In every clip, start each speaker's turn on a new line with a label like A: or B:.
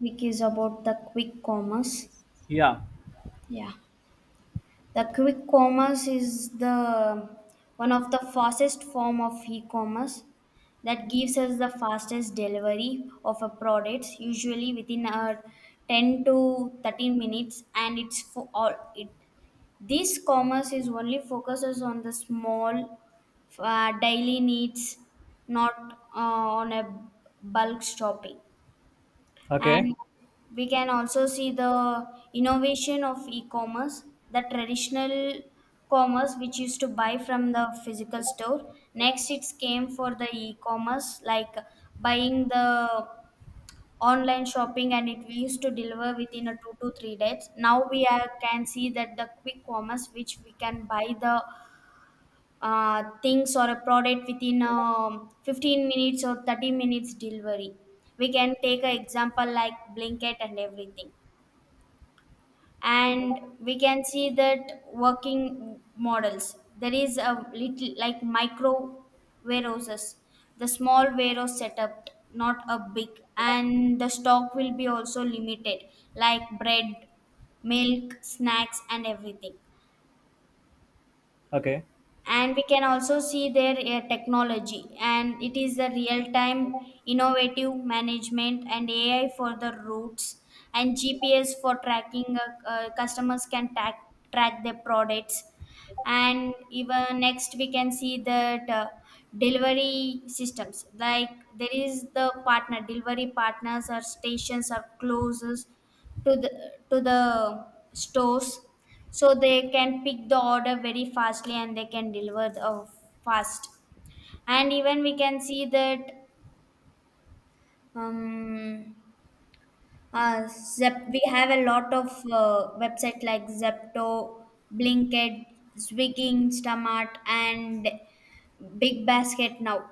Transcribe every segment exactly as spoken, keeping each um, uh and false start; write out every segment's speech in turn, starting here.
A: Week is about the quick commerce.
B: Yeah.
A: Yeah, the quick commerce is the one of the fastest form of e-commerce that gives us the fastest delivery of a products usually within a ten to thirteen minutes, and it's for all it. This commerce is only focuses on the small uh, daily needs, not uh, on a bulk shopping.
B: Okay.
A: And we can also see the innovation of e-commerce, the traditional commerce which used to buy from the physical store. Next, it came for the e-commerce, like buying the online shopping, and it used to deliver within a two to three days. Now we are, can see that the quick commerce which we can buy the uh, things or a product within um, fifteen minutes or thirty minutes delivery. We can take an example like Blinkit and everything. And we can see that working models. There is a little like micro warehouses, the small warehouse setup, not a big, and the stock will be also limited, like bread, milk, snacks, and everything.
B: Okay.
A: And we can also see their uh, technology, and it is the real time innovative management and A I for the routes, and G P S for tracking. Uh, uh, customers can track track their products. And even next we can see that uh, delivery systems like there is the partner delivery partners or stations or closes to the to the stores, so they can pick the order very fastly, and they can deliver the, uh, fast. And even we can see that um, uh, Zep, we have a lot of uh, website like Zepto, Blinkit, Swiggy, Instamart, and Big Basket now.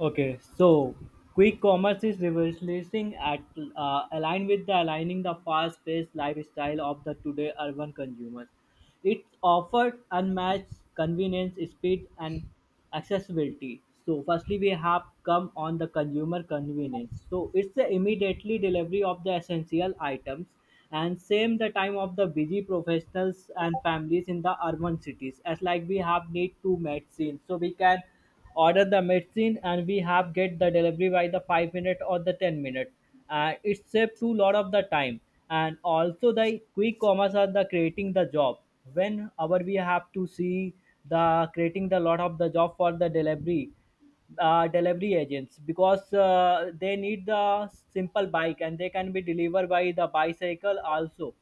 B: Okay, so quick commerce is revolutionizing at uh, align with the aligning the fast-paced lifestyle of the today urban consumers. It offers unmatched convenience, speed, and accessibility. So, firstly, we have come on the consumer convenience. So, it's the immediately delivery of the essential items and same the time of the busy professionals and families in the urban cities as like we have need to medicine so we can order the medicine and we have get the delivery by the five minute or the ten minute and it saved too lot of the time. And also the quick commerce are the creating the job whenever we have to see the creating the lot of the job for the delivery uh, delivery agents because uh, they need the simple bike and they can be delivered by the bicycle also,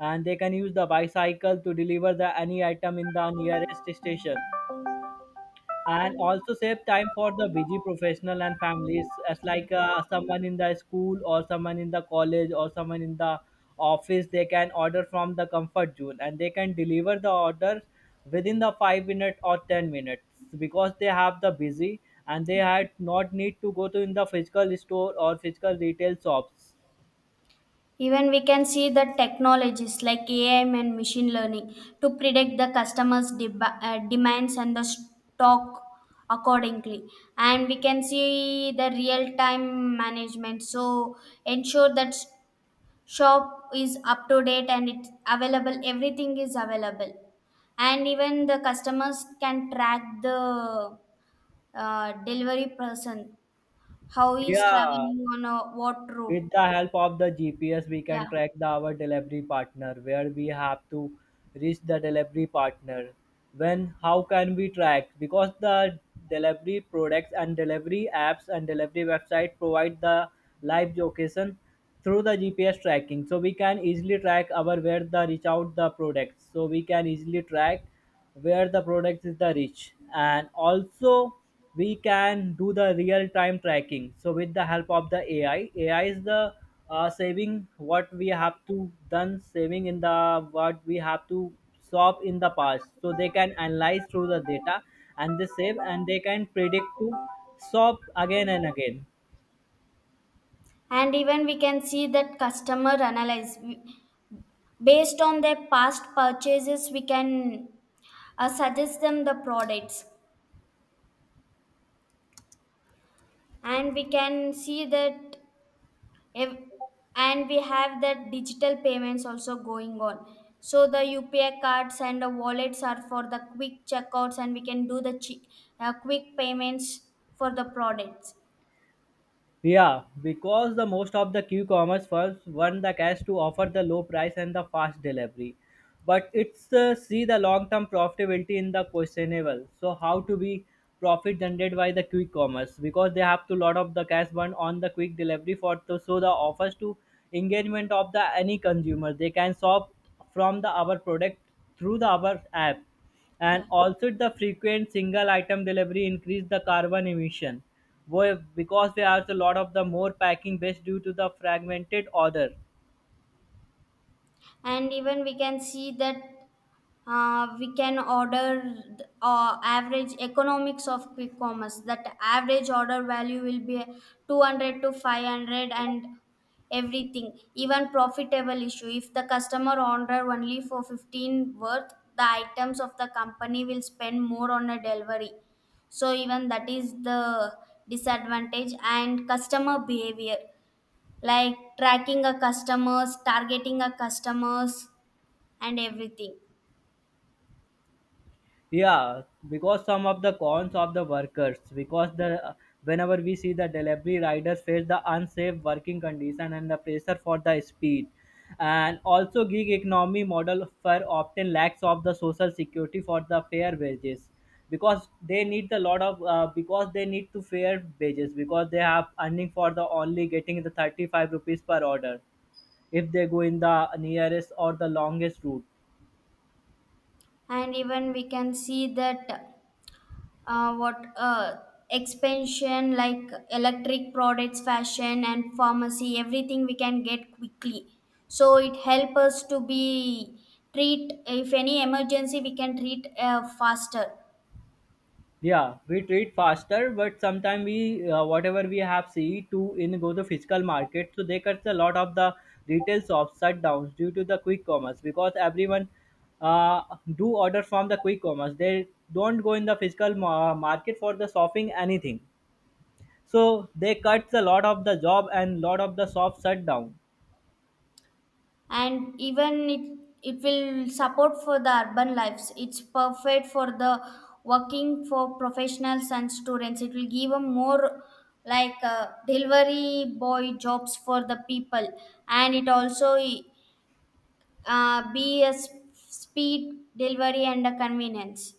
B: and they can use the bicycle to deliver the any item in the nearest station, and also save time for the busy professional and families as like uh, someone in the school or someone in the college or someone in the office they can order from the comfort zone and they can deliver the orders within the five minute or ten minutes because they have the busy and they had not need to go to in the physical store or physical retail shops.
A: Even we can see the technologies like A I and machine learning to predict the customers' deb- uh, demands and the stock accordingly. And we can see the real time management. So ensure that s- shop is up to date, and it's available. Everything is available, and even the customers can track the uh, delivery person how he is
B: Yeah.
A: traveling on a what
B: With
A: route.
B: the help of the G P S, we can
A: Yeah.
B: track the our delivery partner where we have to reach the delivery partner. When how can we track? Because the delivery products and delivery apps and delivery website provide the live location through the G P S tracking. So we can easily track our where the reach out the products. So we can easily track where the product is the reach, and also we can do the real time tracking so with the help of the ai ai is the uh, saving what we have to done saving in the what we have to solve in the past so they can analyze through the data, and they save and they can predict to solve again and again.
A: And even we can see that customer analyze We- based on their past purchases, we can uh, suggest them the products, and we can see that if, and we have that digital payments also going on, so the U P I cards and the wallets are for the quick checkouts, and we can do the chi- uh, quick payments for the products.
B: Yeah, because the most of the Q-commerce firms want the cash to offer the low price and the fast delivery, but it's uh, see the long-term profitability in the questionable. So how to be profit generated by the quick commerce because they have to lot of the cash burn on the quick delivery for to show the offers to engagement of the any consumer. They can shop from the our product through the our app,
A: Yeah.
B: and also the frequent single item delivery increase the carbon emission. Why- because there are a lot of the more packing based due to the fragmented order.
A: And even we can see that uh, we can order th- uh, average economics of quick commerce that average order value will be two hundred to five hundred, and everything. Even profitable issue if the customer order only for fifteen worth the items of the company will spend more on a delivery, so even that is the disadvantage and customer behavior like tracking a customers, targeting a customers, and everything.
B: Yeah, because some of the cons of the workers, because the whenever we see the delivery riders face the unsafe working condition and the pressure for the speed, and also gig economy model for often lacks of the social security for the fair wages, because they need the lot of uh, because they need to fair wages because they have earning for the only getting the thirty five rupees per order if they go in the nearest or the longest route.
A: And even we can see that uh, what uh, expansion like electric products, fashion, and pharmacy, everything we can get quickly, so it help us to be treat. If any emergency, we can treat uh, faster.
B: Yeah, we trade faster, but sometimes we uh, whatever we have see to in go to physical market. So they cuts a lot of the retail shops shut downs due to the quick commerce because everyone uh, do order from the quick commerce. They don't go in the physical ma- market for the shopping anything. So they cuts a lot of the job and lot of the shops shut down.
A: And even it it will support for the urban lives. It's perfect for the working for professionals and students. It will give a more like uh, delivery boy jobs for the people, and it also uh, be a s- speed delivery and a convenience.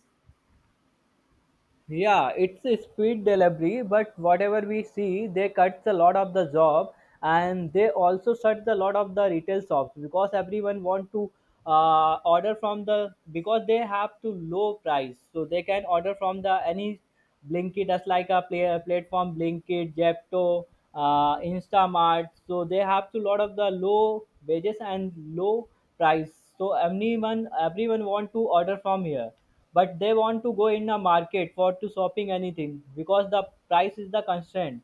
B: Yeah, it's a speed delivery, but whatever we see, they cuts a lot of the job, and they also shut a lot of the retail shops because everyone want to uh, order from the because they have to low price, so they can order from the any Blinkit, just like a play, platform Blinkit, Jepto, uh, Instamart. So they have to lot of the low wages and low price. So everyone everyone want to order from here, but they want to go in a market for to shopping anything because the price is the constant.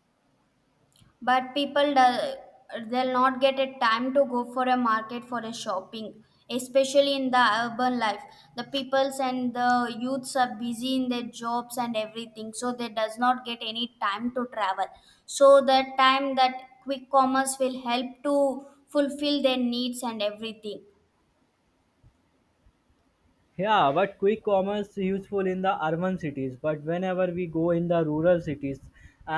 A: But people do, they'll not get a time to go for a market for a shopping, especially in the urban life. The peoples and the youths are busy in their jobs and everything, so they does not get any time to travel, so that time that quick commerce will help to fulfill their needs and everything.
B: Yeah, but quick commerce is useful in the urban cities but whenever we go in the rural cities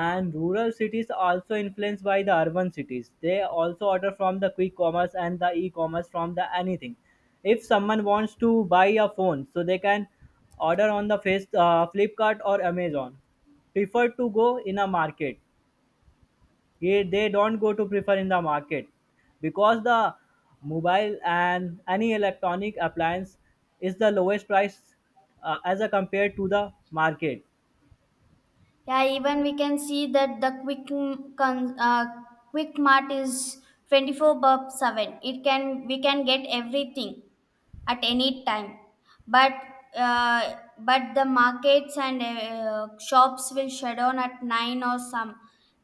B: and rural cities also influenced by the urban cities they also order from the quick commerce and the e-commerce from the anything. If someone wants to buy a phone so they can order on the face uh, Flipkart or Amazon prefer to go in a market. Yeah, they don't go to prefer in the market because the mobile and any electronic appliance is the lowest price uh, as a compared to the market.
A: Yeah, even we can see that the quick m- con- uh, quick mart is twenty-four by seven. It can we can get everything at any time. But uh, but the markets and uh, shops will shut down at nine or some.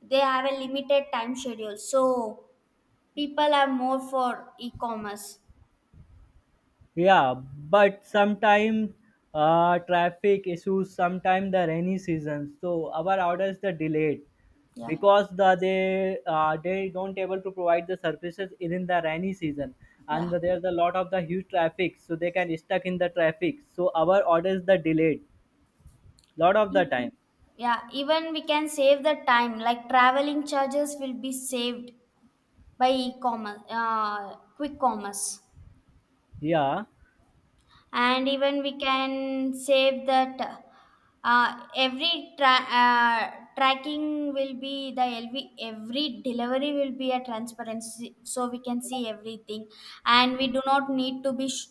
A: They have a limited time schedule, so people are more for e-commerce.
B: Yeah, but sometimes uh, traffic issues sometimes the rainy season so our orders the delayed
A: Yeah.
B: because the they uh, they don't able to provide the services in the rainy season,
A: Yeah.
B: and there's a lot of the huge traffic so they can stuck in the traffic so our orders the delayed lot of the time.
A: Yeah, even we can save the time like traveling charges will be saved by e-commerce uh, quick commerce.
B: Yeah,
A: And even we can save that uh, every tra- uh, tracking will be the L V. Every delivery will be a transparency, so we can see everything, and we do not need to be sh-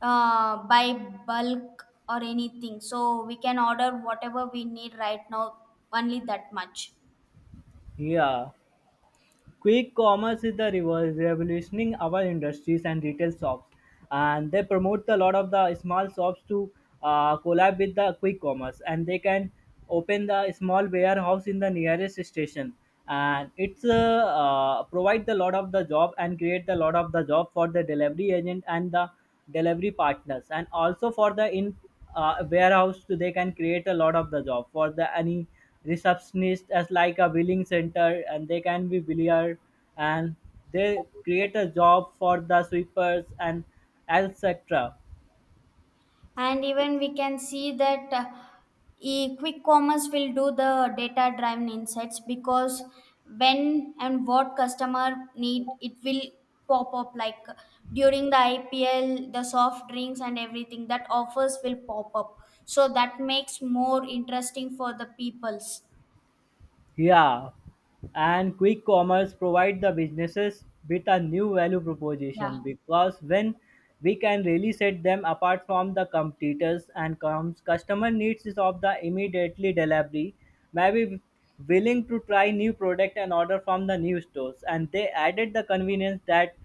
A: uh, by bulk or anything, so we can order whatever we need right now, only that much.
B: yeah. Quick commerce is the reverse revolutioning our industries and retail shops, and they promote a lot of the small shops to uh, collab with the quick commerce, and they can open the small warehouse in the nearest station, and it's uh, uh, provide the lot of the job and create the lot of the job for the delivery agent and the delivery partners, and also for the in uh, warehouse they can create a lot of the job for the any receptionist as like a billing center and they can be biller, and they create a job for the sweepers and etc.
A: And even we can see that uh, e- quick commerce will do the data driven insights, because when and what customer need, it will pop up like uh, during the I P L the soft drinks and everything that offers will pop up, so that makes more interesting for the peoples.
B: Yeah, and quick commerce provide the businesses with a new value
A: Yeah.
B: proposition because when we can really set them apart from the competitors and comes customer needs is of the immediately delivery maybe willing to try new product and order from the new stores and they added the convenience that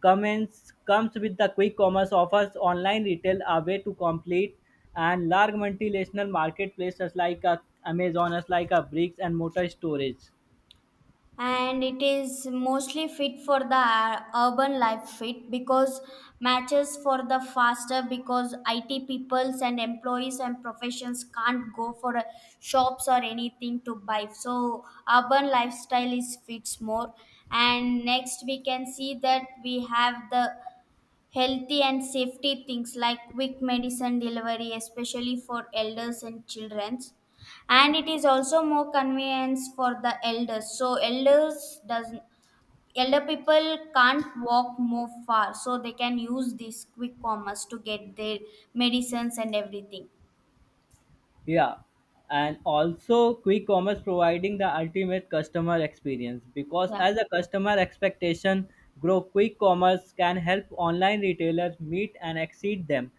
B: commence comes with the quick commerce offers online retail a way to complete and large multinational marketplaces like a Amazon, as like a bricks and mortar storage.
A: And it is mostly fit for the uh, urban life fit, because matches for the faster, because I T peoples and employees and professions can't go for uh, shops or anything to buy, so urban lifestyle is fits more. And next we can see that we have the healthy and safety things like quick medicine delivery, especially for elders and childrens. And it is also more convenience for the elders. So elders doesn't elder people can't walk more far, so they can use this quick commerce to get their medicines and everything.
B: Yeah, and also quick commerce providing the ultimate customer experience because
A: Yeah.
B: as the customer expectation grow, quick commerce can help online retailers meet and exceed them.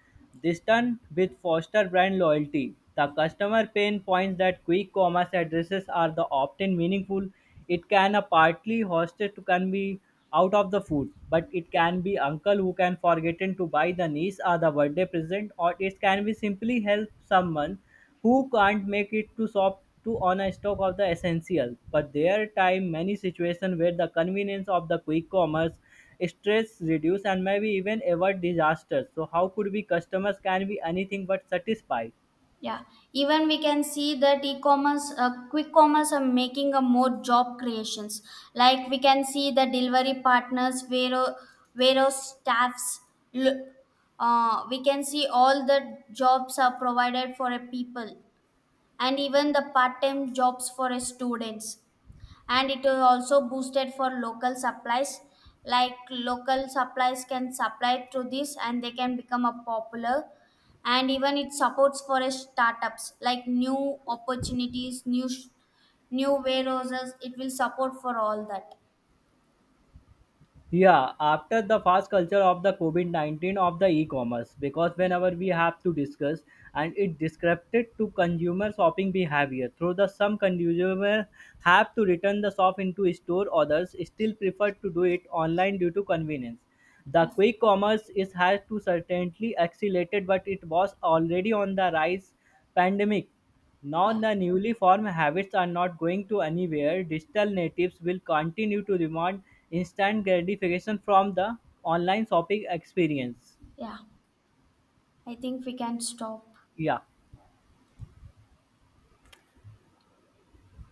B: This done with foster brand loyalty. The customer pain points that quick commerce addresses are the often meaningful. It can a partly hosted to can be out of the food, but it can be uncle who can forgotten to buy the niece or the birthday present, or it can be simply help someone who can't make it to shop to on a stock of the essential, but there time many situations where the convenience of the quick commerce stress reduce and maybe even avoid disasters so how could be customers can be anything but satisfied.
A: Yeah, even we can see that e-commerce, uh, quick commerce are making a more job creations. Like we can see the delivery partners, Vero, Vero staffs. lo- Uh, we can see all the jobs are provided for a people, and even the part-time jobs for a students, and it is also boosted for local supplies like local supplies can supply to this and they can become a popular, and even it supports for a startups like new opportunities, new sh- new warehouses, it will support for all that.
B: Yeah, after the fast culture of the COVID nineteen of the e-commerce, because whenever we have to discuss and it disrupted to consumer shopping behavior through the some consumer have to return the shop into store, others still prefer to do it online due to convenience. The
A: Yeah.
B: quick commerce is has to certainly accelerated, but it was already on the rise pandemic. Now
A: Yeah.
B: the newly formed habits are not going to anywhere. Digital natives will continue to demand instant gratification from the online shopping experience.
A: Yeah, I think we can stop.
B: Yeah.